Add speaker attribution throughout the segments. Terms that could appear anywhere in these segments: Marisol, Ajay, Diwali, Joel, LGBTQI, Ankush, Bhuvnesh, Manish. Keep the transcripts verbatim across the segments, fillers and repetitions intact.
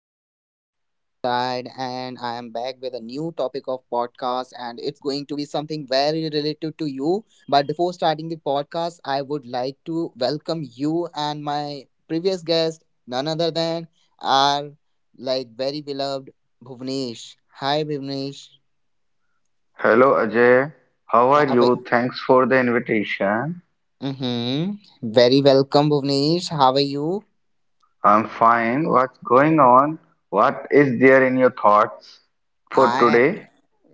Speaker 1: side, and I am back with a new topic of podcast, and it's going to be something very related to you. But before starting the podcast, I would like to welcome you and my previous guest, none other than our like very beloved Bhuvnesh. Hi, Bhuvnesh.
Speaker 2: Hello Ajay, how
Speaker 1: How
Speaker 2: are
Speaker 1: are
Speaker 2: you? Thanks for the invitation.
Speaker 1: mm-hmm. Very welcome, Bhuvnesh. How are you?
Speaker 2: I'm fine. What's going on? What is there in your thoughts for
Speaker 1: I
Speaker 2: today?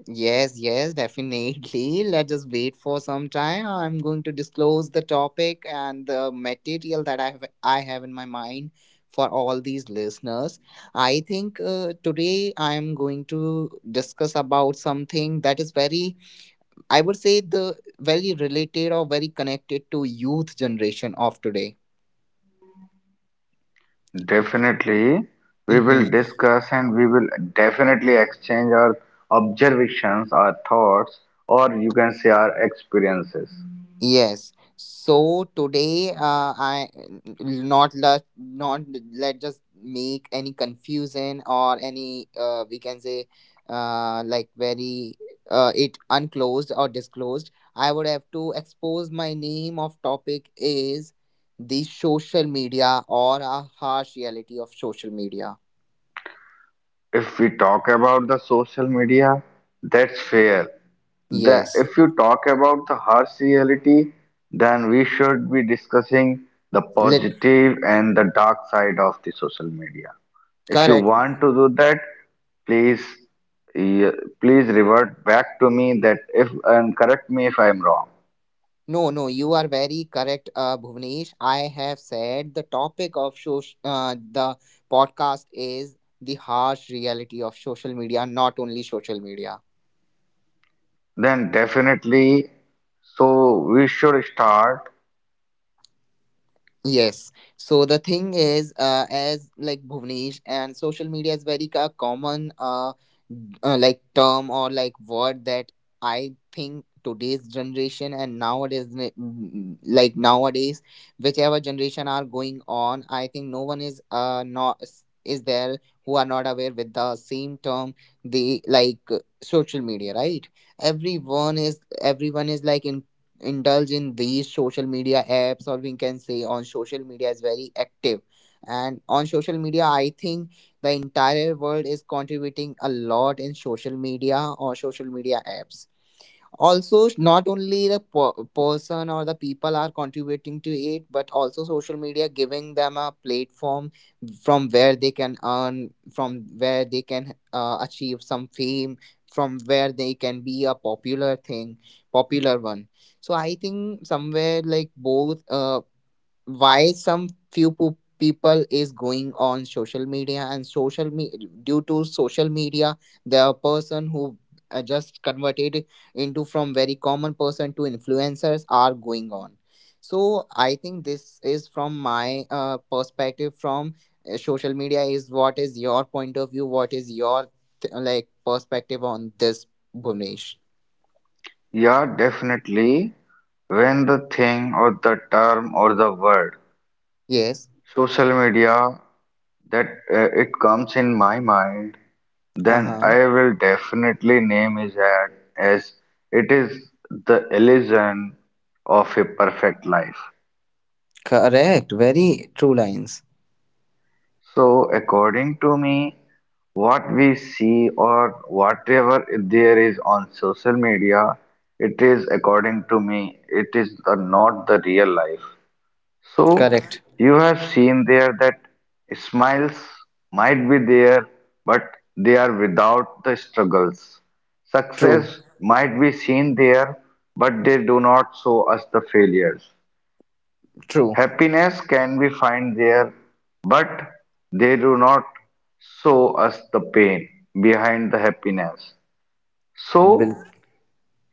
Speaker 1: Yes, yes, definitely. Let us wait for some time. I'm going to disclose the topic and the material that I have I have in my mind for all these listeners. I think uh, today I am going to discuss about something that is very I would say the very related or very connected to youth generation of today.
Speaker 2: Definitely, we will
Speaker 1: Mm-hmm.
Speaker 2: discuss and we will definitely exchange our observations, our thoughts, or you can say our experiences.
Speaker 1: Yes. So today, uh, I not let not let just make any confusion or any uh, we can say uh, like very uh, it unclosed or disclosed. I would have to expose my name of topic is the social media or a harsh reality of social media.
Speaker 2: If we talk about the social media, that's fair. Then,
Speaker 1: Yes.
Speaker 2: if you talk about the harsh reality, then we should be discussing the
Speaker 1: Let
Speaker 2: positive and the dark side of the social media. If you
Speaker 1: correct.
Speaker 2: want to do that, please, eh, please revert back to me that if and correct me if I am wrong.
Speaker 1: No, no, you are very correct, uh, Bhuvnesh. I have said the topic of soc- uh, the podcast is the harsh reality of social media, not only social media.
Speaker 2: Then definitely, so we should start.
Speaker 1: Yes. So the thing is, uh, as like Bhuvnesh and social media is very ca- common, uh, uh, like term or like word that I think today's generation and nowadays, n- n- like nowadays, whichever generation are going on, I think no one is uh not is is there who are not aware with the same term the like uh, social media, right? Everyone is everyone is like indulge in these social media apps, or we can say on social media is very active. And on social media, I think the entire world is contributing a lot in social media or social media apps also. Not only the per- person or the people are contributing to it, but also social media giving them a platform from where they can earn, from where they can uh, achieve some fame, from where they can be a popular thing popular one So I think somewhere like both uh, why some few po- people is going on social media, and social me- due to social media, the person who uh, just converted into from very common person to influencers are going on. So I think this is from my uh, perspective from uh, social media. Is what is your point of view? What is your th- like perspective on this, Bhunesh?
Speaker 2: Yeah, definitely. When the thing or the term or the word
Speaker 1: Yes.
Speaker 2: social media, that uh, it comes in my mind, then
Speaker 1: Uh-huh.
Speaker 2: I will definitely name his ad as it is the illusion of a perfect life.
Speaker 1: Correct, very true lines.
Speaker 2: So, according to me, what we see or whatever there is on social media, it is, according to me, it is the, not the real life. So
Speaker 1: Correct.
Speaker 2: you have seen there that smiles might be there, but they are without the struggles.
Speaker 1: True.
Speaker 2: Success might be seen there, but they do not show us the failures.
Speaker 1: True.
Speaker 2: Happiness can be found there, but they do not show us the pain behind the happiness.
Speaker 1: Bil-
Speaker 2: So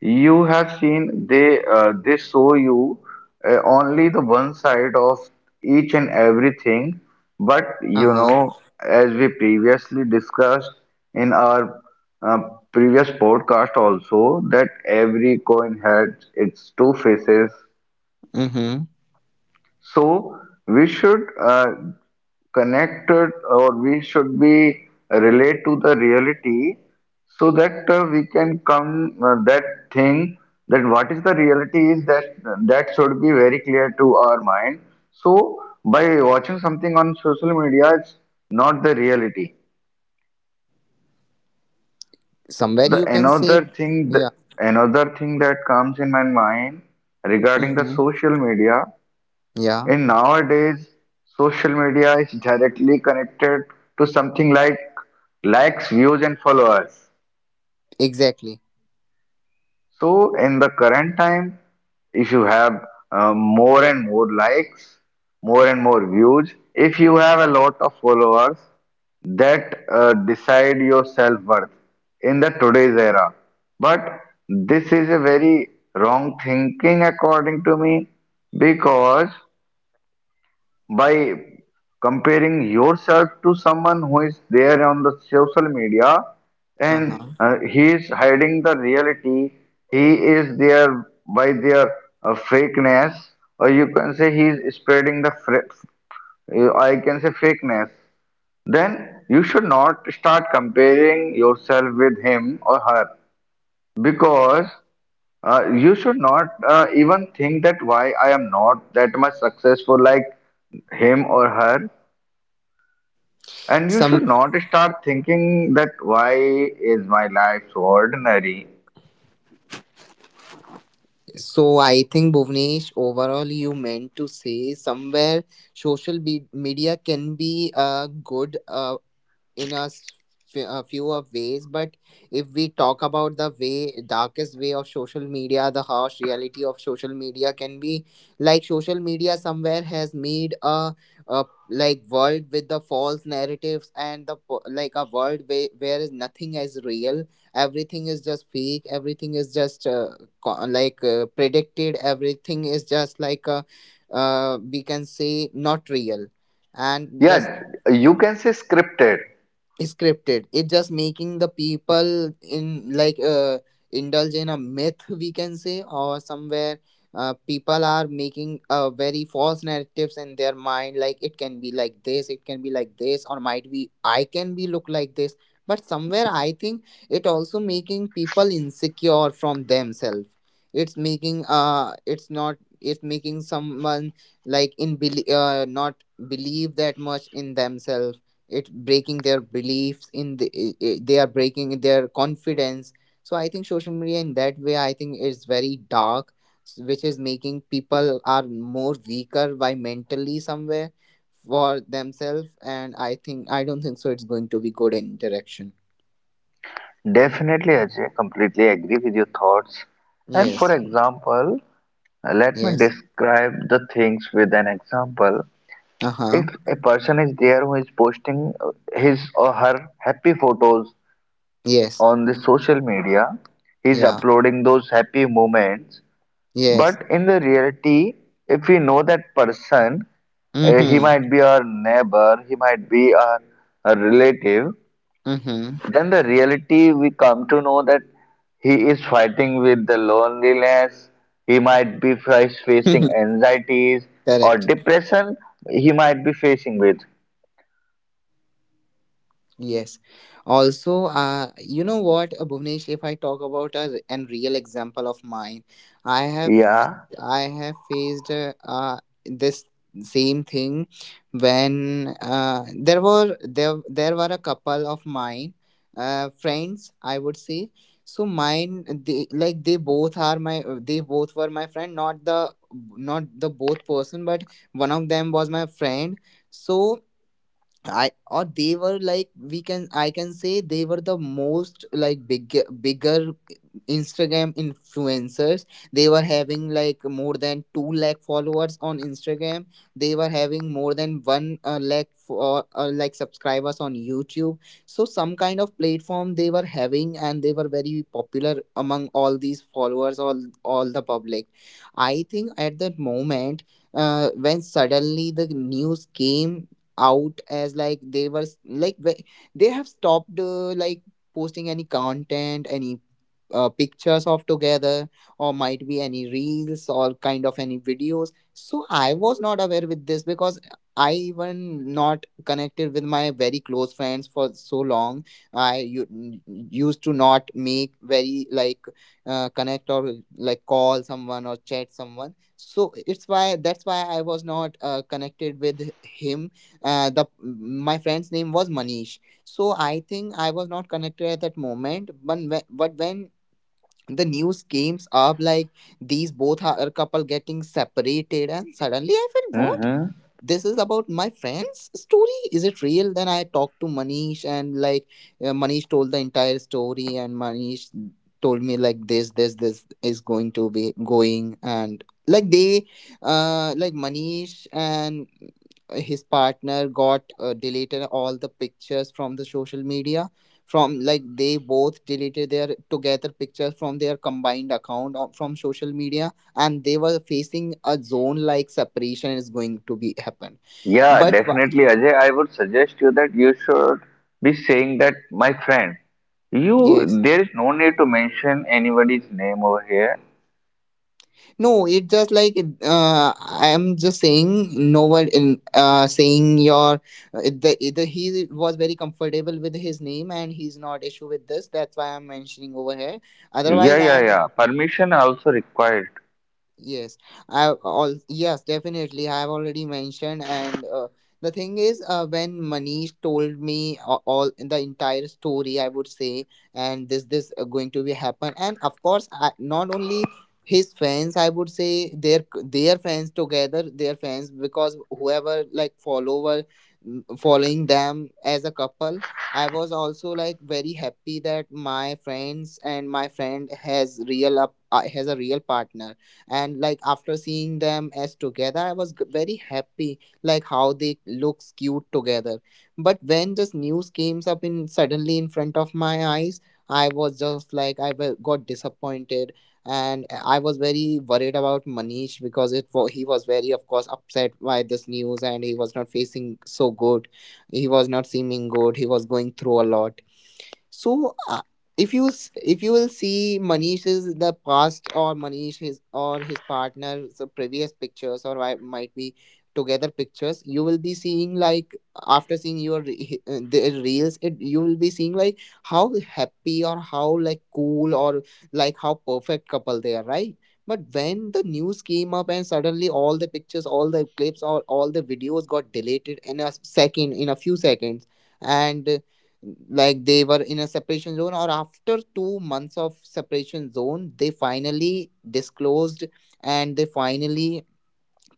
Speaker 2: you have seen, they uh, they show you uh, only the one side of each and everything, but, you
Speaker 1: uh-huh.
Speaker 2: know, as we previously discussed in our uh, previous podcast also, that every coin has its two faces.
Speaker 1: Mm-hmm.
Speaker 2: So we should uh, connected, or we should be relate to the reality, so that uh, we can come uh, that thing, that what is the reality is that, that should be very clear to our mind. So by watching something on social media, it's not the reality.
Speaker 1: Somewhere
Speaker 2: The
Speaker 1: you can say,
Speaker 2: another thing, the
Speaker 1: yeah.
Speaker 2: another thing that comes in my mind regarding the
Speaker 1: Mm-hmm.
Speaker 2: social media.
Speaker 1: Yeah.
Speaker 2: And nowadays, social media is directly connected to something like likes, views, and followers.
Speaker 1: Exactly.
Speaker 2: So, in the current time, if you have uh, more and more likes, more and more views, if you have a lot of followers, that uh, decide your self worth in the today's era. But this is a very wrong thinking, according to me, because by comparing yourself to someone who is there on the social media, and
Speaker 1: Uh-huh.
Speaker 2: uh, he is hiding the reality, he is there by their uh, fakeness, or you can say he is spreading the fra- uh, I can say fakeness, then you should not start comparing yourself with him or her, because uh, you should not uh, even think that why I am not that much successful like him or her. And you should
Speaker 1: Some.
Speaker 2: not start thinking that why is my life so ordinary?
Speaker 1: So I think Bhuvnesh, overall, you meant to say somewhere social be- media can be uh, good uh, in a, s- f- a few of ways, but if we talk about the way darkest way of social media, the harsh reality of social media can be like social media somewhere has made a, a like world with the false narratives and the po- like a world where, where is nothing as real. Everything is just fake, everything is just uh, co- like uh, predicted, everything is just like uh, uh, we can say not real and just
Speaker 2: Yeah, you can say scripted.
Speaker 1: scripted, it's just making the people in like uh, indulge in a myth, we can say. Or somewhere uh, people are making uh, very false narratives in their mind like it can be like this, it can be like this, or might be I can be look like this. But somewhere I think it also making people insecure from themselves. It's making uh it's not it's making someone like in bel uh, not believe that much in themselves. It breaking their beliefs in the i- i- they are breaking their confidence. So I think social media in that way, I think is very dark, s- which is making people are more weaker by mentally somewhere for themselves. And I think I don't think so it's going to be good interaction.
Speaker 2: Definitely, Ajay, completely agree with your thoughts. And for
Speaker 1: Yes.
Speaker 2: example, uh, let me
Speaker 1: Yes.
Speaker 2: describe the things with an example. If
Speaker 1: Uh-huh.
Speaker 2: a person is there who is posting uh, his or her happy photos
Speaker 1: Yes.
Speaker 2: on the social media, he's
Speaker 1: Yeah.
Speaker 2: uploading those happy moments.
Speaker 1: Yes.
Speaker 2: But in the reality, if we know that person, uh, he
Speaker 1: Mm-hmm.
Speaker 2: might be our neighbor, he might be our, our relative,
Speaker 1: Mm-hmm.
Speaker 2: then the reality we come to know that he is fighting with the loneliness, he might be face- facing anxieties or
Speaker 1: Correct.
Speaker 2: depression, he might be facing with.
Speaker 1: Yes. Also, uh, you know what, uh, Bhuvnesh, if I talk about a and real example of mine, I have
Speaker 2: Yeah.
Speaker 1: I have faced uh, uh, this same thing when uh, there were there there were a couple of mine uh, friends, I would say. So mine, they like they both are my uh, they both were my friend, not the not the both person, but one of them was my friend. So I or they were like we can I can say they were the most like big bigger Instagram influencers. They were having like more than two lakh followers on Instagram. They were having more than one uh, lakh for uh, uh, like subscribers on YouTube. So some kind of platform they were having, and they were very popular among all these followers, all all the public. I think at that moment uh, when suddenly the news came out as like they were s- like wh- they have stopped uh, like posting any content, any uh, pictures of together, or might be any reels or kind of any videos. So I was not aware with this because I even not connected with my very close friends for so long. I u- used to not make very like uh, connect or like call someone or chat someone. So it's why that's why I was not uh, connected with him. Uh, the my friend's name was Manish. So I think I was not connected at that moment, but when, but when the news came up like these both are a couple getting separated. And suddenly I felt what,
Speaker 2: Mhm.
Speaker 1: this is about my friend's story, is it real? Then I talked to Manish, and like uh, Manish told the entire story, and Manish told me like this this this is going to be going. And like they uh like Manish and his partner got uh, deleted all the pictures from the social media. From like they both deleted their together pictures from their combined account or from social media. And they were facing a zone like separation is going to be happen.
Speaker 2: Yeah,
Speaker 1: but wha-
Speaker 2: definitely, Ajay. I would suggest you that you should be saying that, my friend,
Speaker 1: yes,
Speaker 2: you, there is no need to mention anybody's name over here.
Speaker 1: no, it just like uh, I am just saying no one in uh, saying your uh, the, the he was very comfortable with his name and he's not issue with this, that's why I'm mentioning over here, otherwise
Speaker 2: Yeah,
Speaker 1: I
Speaker 2: yeah,
Speaker 1: am
Speaker 2: yeah. Permission also required.
Speaker 1: Yes, I all yes, definitely. I have already mentioned, and uh, the thing is, uh, when Manish told me all, all the entire story, I would say, and this this uh, going to be happen. And of course, I, not only his fans, I would say their their fans together, their fans, because whoever like follower mm, following them as a couple. I was also like very happy that my friends and my friend has real up uh, has a real partner. And like after seeing them as together I was g- very happy like how they looks cute together. But when this news came up in suddenly in front of my eyes, I was just like I wa- got disappointed. And uh, I was very worried about Manish because it wa- he was very of course upset by this news, and he was not facing so good. He was not seeming good. He was going through a lot. So uh, if you s- if you will see Manish's the past or Manish his or his partner's previous pictures, or I might be together pictures, you will be seeing like after seeing your re- uh, their reels, it you will be seeing like how happy or how like cool or like how perfect couple they are, right? But when the news came up and suddenly all the pictures, all the clips, or all the videos got deleted in a second, in a few seconds, and like they were in a separation zone or after two months of separation zone they finally disclosed and they finally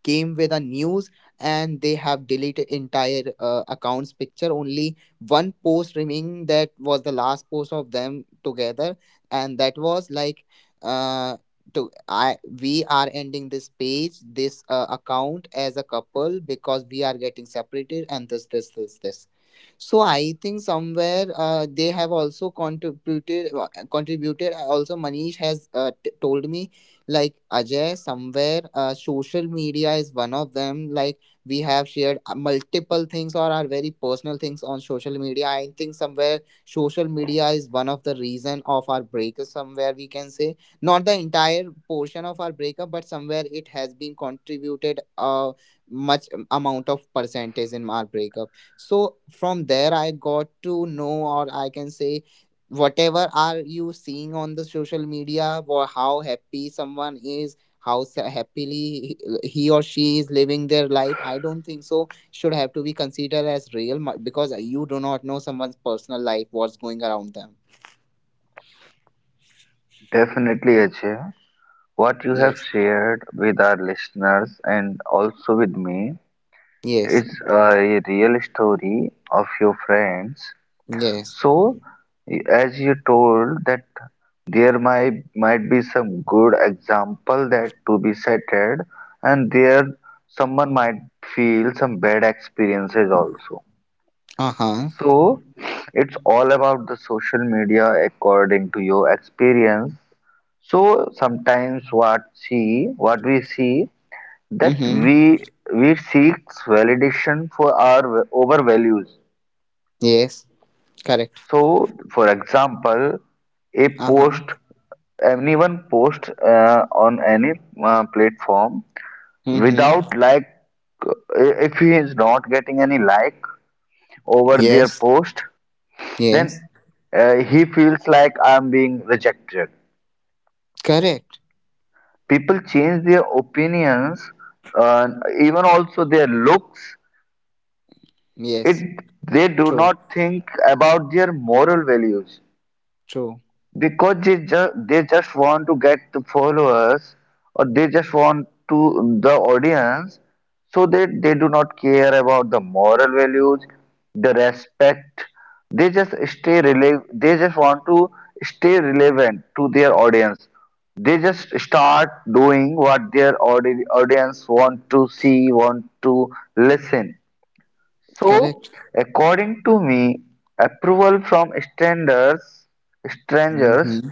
Speaker 1: came with a news and they have deleted entire uh, accounts picture only one post remaining that was the last post of them together and that was like uh to I we are ending this page this uh, account as a couple because we are getting separated and this this this this. So i think somewhere uh, they have also contributed uh, contributed also manish has uh, t- told me like Ajay somewhere uh, social media is one of them, like we have shared uh, multiple things or our very personal things on social media. I think somewhere social media is one of the reason of our breakup, somewhere we can say, not the entire portion of our breakup but somewhere it has been contributed uh, much amount of percentage in our breakup. So from there I got to know, or I can say, whatever are you seeing on the social media or how happy someone is, how sa- happily he he or she is living their life, I don't think so should have to be considered as real mu- Because you do not know someone's personal life, what's going around them.
Speaker 2: Definitely, Ajay. What you have
Speaker 1: Yes.
Speaker 2: shared with our listeners and also with me
Speaker 1: Yes.
Speaker 2: is uh, a real story of your friends.
Speaker 1: Yes.
Speaker 2: So, as you told that there might might be some good example that to be cited, and there someone might feel some bad experiences also.
Speaker 1: Uh-huh.
Speaker 2: So, it's all about the social media according to your experience. So sometimes what see what we see, that
Speaker 1: Mm-hmm.
Speaker 2: we we seek validation for our over values.
Speaker 1: Yes. Correct.
Speaker 2: So, for example, a
Speaker 1: Uh-huh.
Speaker 2: post, anyone post uh, on any uh, platform
Speaker 1: Mm-hmm.
Speaker 2: without like, uh, if he is not getting any like over their
Speaker 1: Yes.
Speaker 2: post, then
Speaker 1: Yes.
Speaker 2: uh, he feels like I'm being rejected.
Speaker 1: Correct.
Speaker 2: People change their opinions, uh, even also their looks.
Speaker 1: Yes.
Speaker 2: It they do
Speaker 1: True.
Speaker 2: not think about their moral values,
Speaker 1: True.
Speaker 2: because they just they just want to get the followers, or they just want to the audience, so that they do not care about the moral values, the respect. They just stay rele- they just want to stay relevant to their audience. They just start doing what their audi- audience want to see, want to listen. So,
Speaker 1: Correct.
Speaker 2: according to me, approval from strangers, strangers
Speaker 1: Mm-hmm.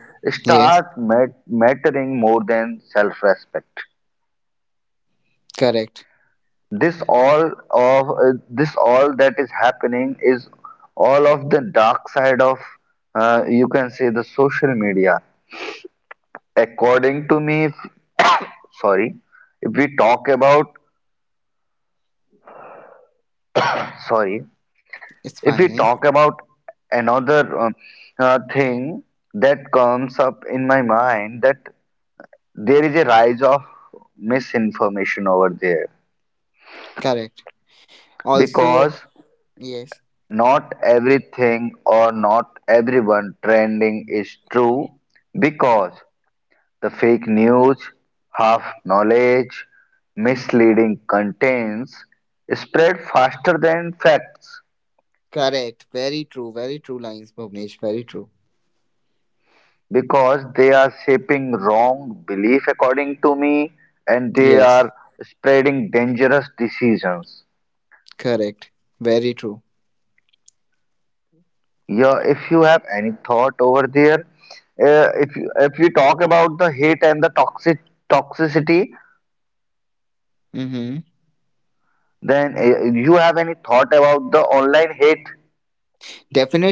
Speaker 1: Yes,
Speaker 2: start mat- mattering more than self-respect.
Speaker 1: correct.
Speaker 2: This all of uh, this all that is happening is all of the dark side of, uh, you can say, the social media. According to me, if, sorry, if we talk about sorry,
Speaker 1: It's
Speaker 2: if we
Speaker 1: fine.
Speaker 2: talk about another um, uh, thing that comes up in my mind, that there is a rise of misinformation over there,
Speaker 1: Correct. Also,
Speaker 2: because
Speaker 1: yes,
Speaker 2: not everything or not everyone trending is true, because the fake news, half knowledge, misleading contents spread faster than facts,
Speaker 1: correct. Very true. Very true lines, Bhuvnesh. Very true.
Speaker 2: because they are shaping wrong belief, according to me, and they
Speaker 1: Yes,
Speaker 2: are spreading dangerous decisions.
Speaker 1: correct. Very true.
Speaker 2: Yeah, if you have any thought over there, uh, if you, if you talk about the hate and the toxic toxicity,
Speaker 1: Mm-hmm.
Speaker 2: then uh, you have any thought about the online hate,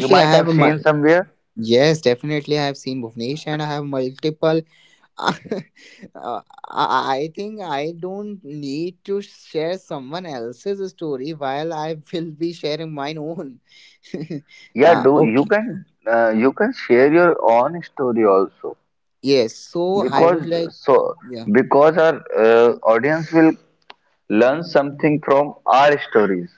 Speaker 2: you
Speaker 1: I
Speaker 2: might
Speaker 1: have
Speaker 2: have
Speaker 1: a.
Speaker 2: seen
Speaker 1: Mul-
Speaker 2: somewhere.
Speaker 1: yes, definitely, I have seen Bhuvnesh, and I have multiple. uh, I I think I don't need to share someone else's story while I will be sharing mine own.
Speaker 2: Yeah,
Speaker 1: Uh,
Speaker 2: do you
Speaker 1: okay.
Speaker 2: can uh, you can share your own story also,
Speaker 1: Yes. So I
Speaker 2: because
Speaker 1: would like.
Speaker 2: so
Speaker 1: Yeah.
Speaker 2: because our uh, audience will learn something from our stories.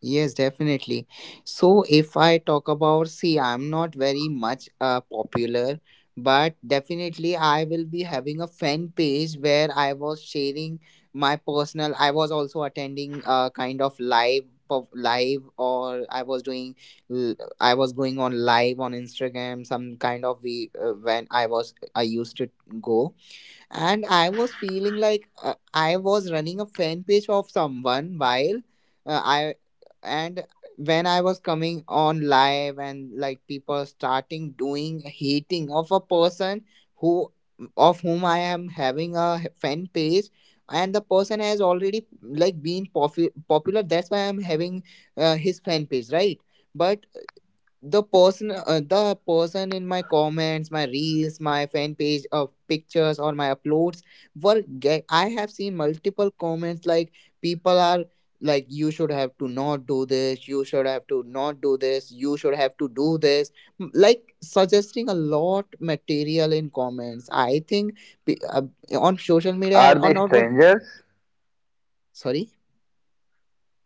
Speaker 1: Yes, definitely. So if I talk about, see, I'm not very much uh, popular, but definitely I will be having a fan page where I was sharing my personal. I was also attending a kind of live of live or I was doing l- I was going on live on Instagram, some kind of we uh, when I was I used to go. And i was feeling like uh, I was running a fan page of someone while uh, I and when I was coming on live and like people starting doing hating of a person who of whom I am having a fan page. And the person has already like been popu- popular, that's why I'm having uh, his fan page, right? But the person uh, the person, in my comments, my reels, my fan page of pictures or my uploads, were get I have seen multiple comments like people are like, you should have to not do this, you should have to not do this, you should have to do this. M- like suggesting a lot material in comments. I think pe- uh, on social media
Speaker 2: Are
Speaker 1: or
Speaker 2: they
Speaker 1: not on.
Speaker 2: strangers?
Speaker 1: Sorry.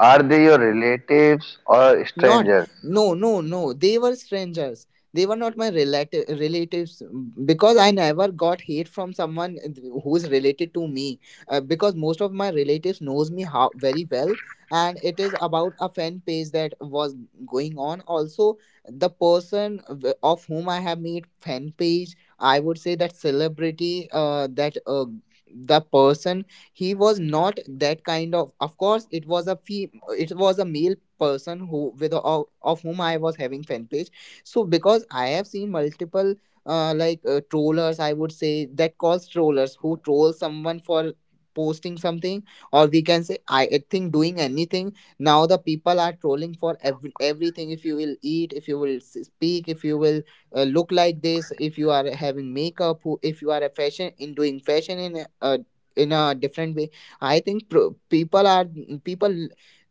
Speaker 2: Are they your relatives or
Speaker 1: Not,
Speaker 2: strangers?
Speaker 1: no, no, no. They were strangers. They were not my relative relatives, because I never got hate from someone who is related to me. Uh, because most of my relatives knows me how very well, and it is about a fan page that was going on. Also, the person w- of whom I have made fan page, I would say that celebrity, uh, that uh, the person, he was not that kind of. Of course, it was a fee it was a male person who with of, of whom I was having fan page. So because I have seen multiple uh, like uh, trollers, I would say that calls trollers, who troll someone for posting something, or we can say i I think doing anything. Now the people are trolling for every, everything. If you will eat, if you will s- speak, if you will uh, look like this, if you are having makeup, who- if you are a fashion in doing fashion in a, a in a different way. I think pro- people are people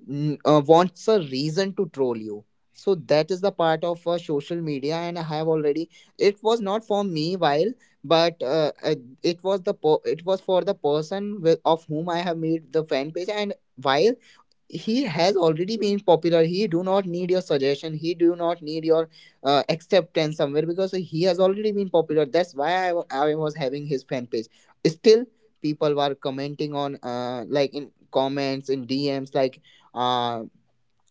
Speaker 1: n- uh, wants a reason to troll you. So that is the part of uh, social media, and I have already. It was not for me while, but uh, uh, it was the per- it was for the person with, of whom I have made the fan page. And while he has already been popular, he do not need your suggestion, he do not need your uh, acceptance somewhere, because he has already been popular, that's why I, wa- I was having his fan page. Still people were commenting on uh, like in comments, in DMs, like uh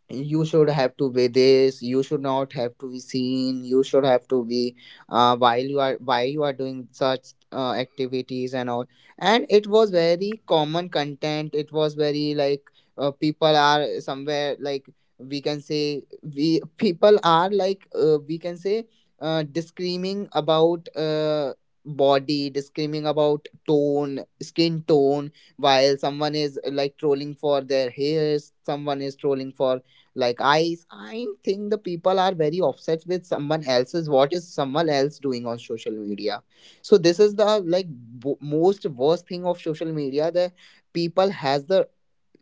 Speaker 1: you should have to be this, you should not have to be seen, you should have to be uh, while you are while you are doing such uh, activities and all. And it was very common content, it was very like uh, people are somewhere like, we can say, we people are like uh, we can say uh, discriminating about uh, body discriminating about tone, skin tone, while someone is like trolling for their hairs, someone is trolling for like. I, I think the people are very upset with someone else's. What is someone else doing on social media? So this is the like bo- most worst thing of social media. The people has the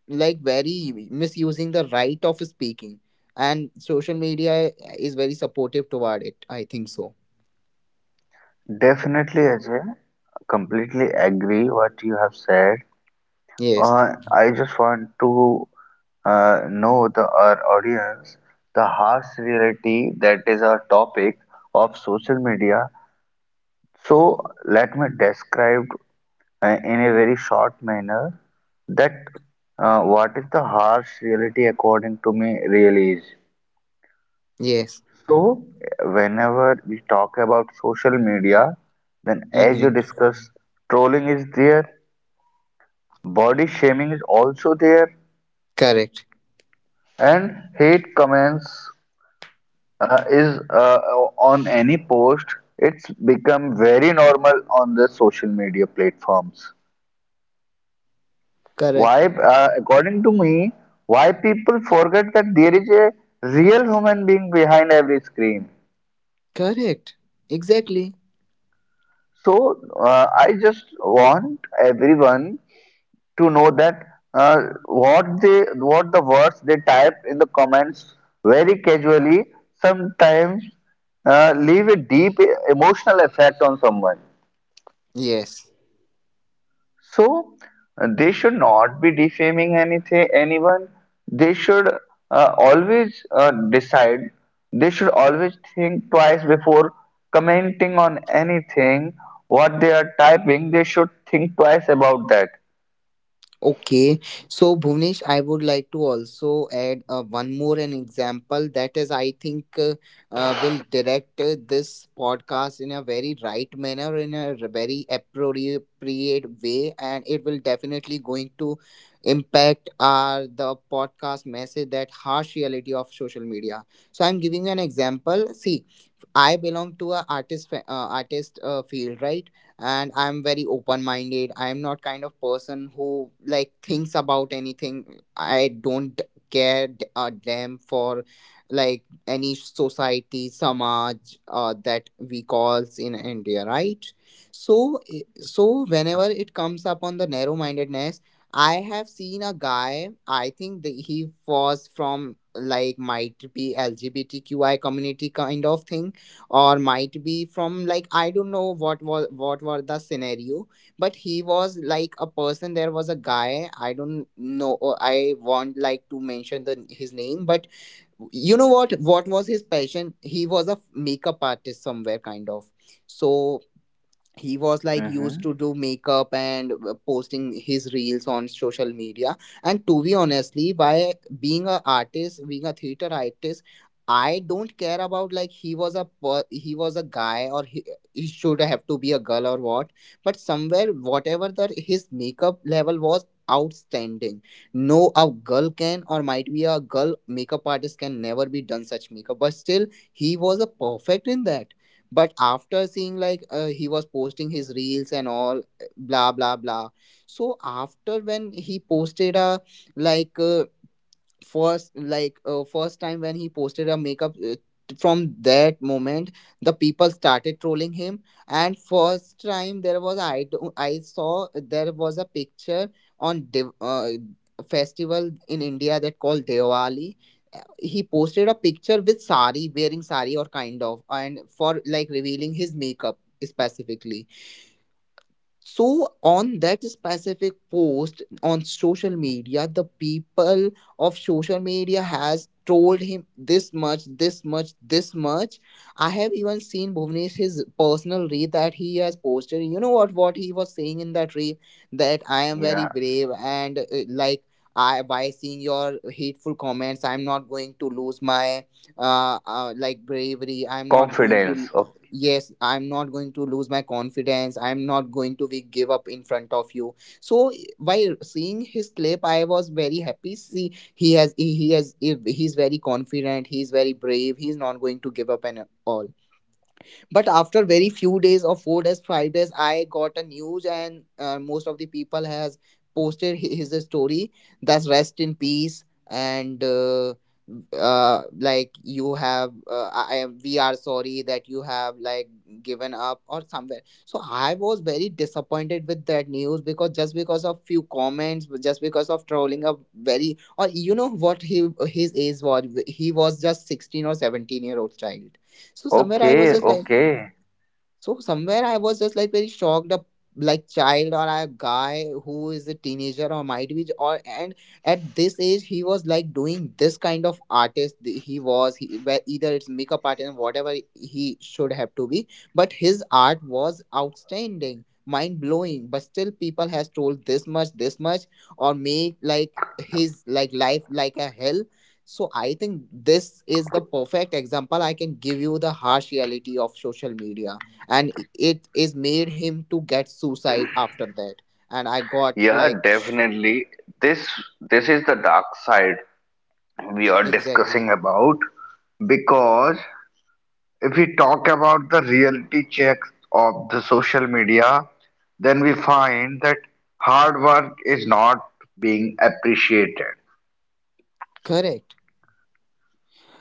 Speaker 1: like very misusing the right of speaking, and social media is very supportive toward it, I think so.
Speaker 2: Definitely, Ajay. Completely agree what you have said.
Speaker 1: Yes.
Speaker 2: Uh, I just want to uh, know the our audience the harsh reality that is our topic of social media. So let me describe uh, in a very short manner that uh, what is the harsh reality according to me really is.
Speaker 1: Yes.
Speaker 2: So, whenever we talk about social media, then as you
Speaker 1: Mm-hmm.
Speaker 2: discuss, trolling is there, body shaming is also there,
Speaker 1: Correct.
Speaker 2: and hate comments uh, is uh, on any post. It's become very normal on the social media platforms. Why,
Speaker 1: Correct.
Speaker 2: uh, according to me, why people forget that there is a real human being behind every screen?
Speaker 1: Correct. Exactly.
Speaker 2: So uh, I just want everyone to know that uh, what they, what the words they type in the comments very casually sometimes uh, leave a deep emotional effect on someone.
Speaker 1: Yes.
Speaker 2: So uh, they should not be defaming anything, anyone. They should uh, always uh, decide. They should always think twice before commenting on anything. What they are typing, they should think twice about that.
Speaker 1: Okay, so Bhuvnesh, I would like to also add uh, one more an example that is, I think, uh, uh, will direct uh, this podcast in a very right manner, in a r- very appropriate way, and it will definitely going to impact our the podcast message that harsh reality of social media. So I'm giving you an example. See, I belong to a artist fa- uh, artist uh, field, right? And i'm very open minded, I'm not kind of person who like thinks about anything, I don't care d- a damn for like any society samaj, uh, that we calls in India, right? So so whenever it comes up on the narrow mindedness, I have seen a guy, I think that he was from like might be LGBTQI community kind of thing, or might be from like, I don't know what was what were the scenario. But he was like a person, there was a guy, I don't know, or I want like to mention the his name, but you know what what was his passion? He was a makeup artist somewhere kind of. So he was like used
Speaker 2: Mm-hmm.
Speaker 1: to do makeup and uh, posting his reels on social media. And to be honestly, by being a artist, being a theater artist, I don't care about like he was a per- he was a guy, or he, he should have to be a girl or what. But somewhere whatever that his makeup level was outstanding. No, a girl can, or might be a girl makeup artist can never be done such makeup, but still he was a perfect in that. But after seeing like uh, he was posting his reels and all eh, blah blah blah. So after when he posted a like uh, first like uh, first time when he posted a makeup uh, from that moment the people started trolling him. And first time there was i do- I saw there was a picture on Div- uh, festival in India that called Diwali. He posted a picture with sari, wearing sari or kind of, and for like revealing his makeup specifically. So on that specific post on social media, the people of social media has told him this much, this much, this much. I have even seen Bhuvnesh his personal reel that he has posted. You know what? What he was saying in that reel that I am very
Speaker 2: Yeah.
Speaker 1: brave and uh, like I, by seeing your hateful comments, I'm not going to lose my uh, uh like bravery. I'm not going to.
Speaker 2: Confidence. O-
Speaker 1: Yes, I'm not going to lose my confidence, I'm not going to be give up in front of you. So while seeing his clip I was very happy, see he has he, he has he he's very confident, he's very brave, he's not going to give up and all. But after very few days or four days five days I got a news, and uh, most of the people has posted hi- his story that's rest in peace. And uh, uh, like you have uh, I, am- we are sorry that you have like given up or somewhere. So I was very disappointed with that news, because just because of few comments, just because of trolling a very, or you know what he his age was, he was just sixteen or seventeen year old child. So somewhere I was
Speaker 2: Okay,
Speaker 1: just like.
Speaker 2: okay.
Speaker 1: So somewhere I was just like very shocked, a like child or a guy who is a teenager or might be or, and at this age he was like doing this kind of artist th- he was he, where either it's makeup artist and whatever he should have to be. But his art was outstanding, mind blowing, but still people has told this much this much, or make like his like life like a hell. So I think this is the perfect example I can give you the harsh reality of social media, and it is made him to get suicide after that. And I got
Speaker 2: Yeah,
Speaker 1: like sh-
Speaker 2: definitely. This this is the dark side we are
Speaker 1: exactly
Speaker 2: discussing about, because if we talk about the reality checks of the social media, then we find that hard work is not being appreciated.
Speaker 1: correct.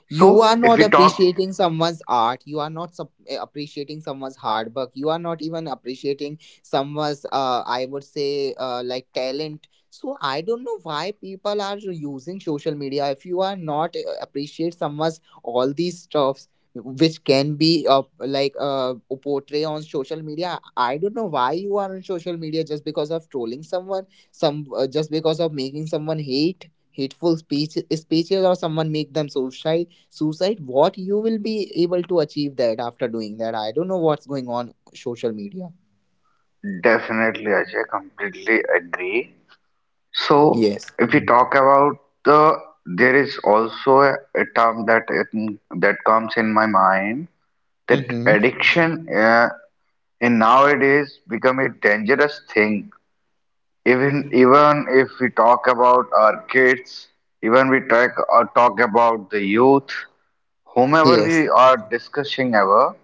Speaker 1: You are
Speaker 2: So, if
Speaker 1: not
Speaker 2: we talk,
Speaker 1: appreciating someone's art, you are not sup- eh, appreciating someone's hard work, you are not even appreciating someone's uh, I would say uh, like talent. So I don't know why people are using social media if you are not eh, appreciate someone's all these stuffs which can be uh, like uh, portray on social media. I don't know why you are on social media just because of trolling someone, some uh, just because of making someone hate, hateful speech speeches, or someone make them suicide suicide. What you will be able to achieve that after doing that? I don't know what's going on social media.
Speaker 2: definitely Ajay, completely agree. So,
Speaker 1: Yes.
Speaker 2: if we talk about the, there is also a, a term that it, that comes in my mind, that
Speaker 1: Mm-hmm.
Speaker 2: addiction uh, in nowadays become a dangerous thing. Even even if we talk about our kids, even we talk or talk about the youth, whomever
Speaker 1: Yes.
Speaker 2: we are discussing ever,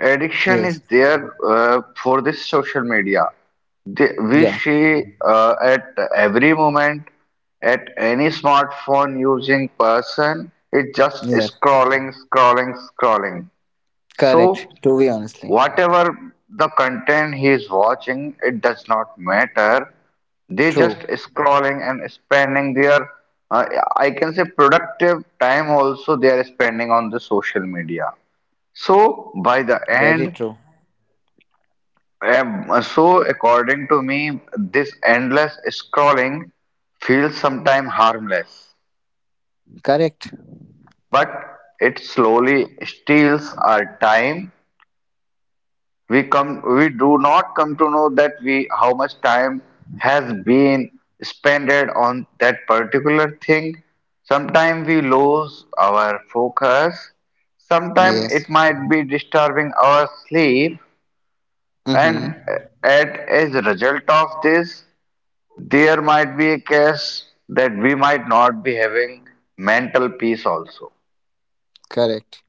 Speaker 2: addiction
Speaker 1: Yes.
Speaker 2: is there uh, for this social media. They, we
Speaker 1: Yeah.
Speaker 2: see uh, at every moment, at any smartphone using person, it's just
Speaker 1: Yeah.
Speaker 2: scrolling, scrolling, scrolling.
Speaker 1: Correct,
Speaker 2: So
Speaker 1: to be honestly.
Speaker 2: whatever the content he is watching, it does not matter. They just
Speaker 1: True.
Speaker 2: scrolling and spending their, uh, I can say, productive time also they are spending on the social media. So by the
Speaker 1: Very
Speaker 2: end,
Speaker 1: true.
Speaker 2: um, so according to me, this endless scrolling feels sometimes harmless,
Speaker 1: Correct.
Speaker 2: but it slowly steals our time. We come, we do not come to know that we how much time has been spent on that particular thing. Sometimes we lose our focus, sometimes
Speaker 1: Yes.
Speaker 2: it might be disturbing our sleep, and
Speaker 1: Mm-hmm.
Speaker 2: uh, at as a result of this, there might be a case that we might not be having mental peace also.
Speaker 1: Correct.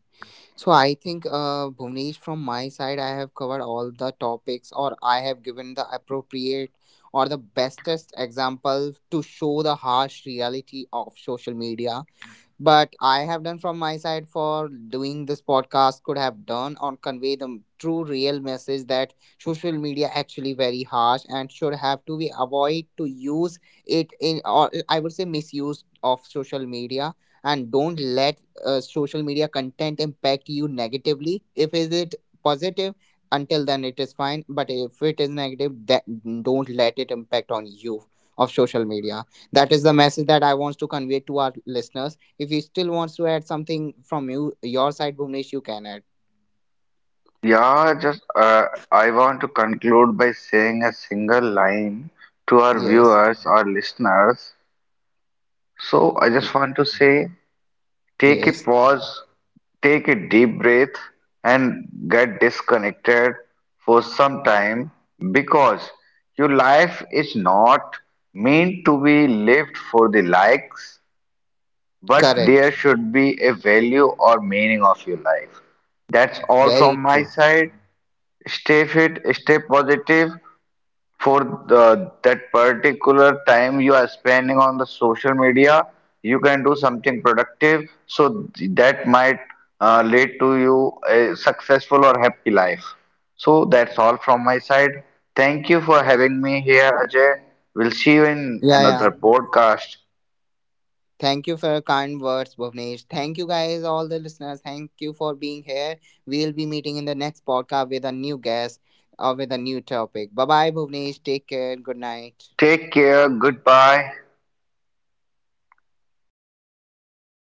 Speaker 1: So I think uh Bhuvnesh, from my side I have covered all the topics, or I have given the appropriate or the bestest example to show the harsh reality of social media. But I have done from my side for doing this podcast could have done or convey the true real message that social media actually very harsh and should have to be avoid to use it in, or I would say misuse of social media. And don't let uh, social media content impact you negatively. If is it positive, until then it is fine, but if it is negative, that don't let it impact on you of social media. That is the message that I want to convey to our listeners. If you still wants to add something from you your side, Bhuvnesh, you can add.
Speaker 2: Yeah, just uh, I want to conclude by saying a single line to our
Speaker 1: Yes.
Speaker 2: viewers, our listeners. So I just want to say, take a
Speaker 1: Yes.
Speaker 2: pause, take a deep breath, and get disconnected for some time, because your life is not meant to be lived for the likes, but there
Speaker 1: Correct.
Speaker 2: should be a value or meaning of your life. That's all
Speaker 1: Very
Speaker 2: from my
Speaker 1: true.
Speaker 2: side. Stay fit, stay positive for the, that particular time you are spending on the social media. You can do something productive, so th- that might uh, lead to you a successful or happy life. So that's all from my side. Thank you for having me here, Ajay. We'll see you in
Speaker 1: Yeah, yeah.
Speaker 2: another podcast.
Speaker 1: Thank you for your kind words, Bhuvnesh. Thank you guys, all the listeners. Thank you for being here. We'll be meeting in the next podcast with a new guest or with a new topic. Bye bye, Bhuvnesh. Take care. Good night.
Speaker 2: Take care. Goodbye.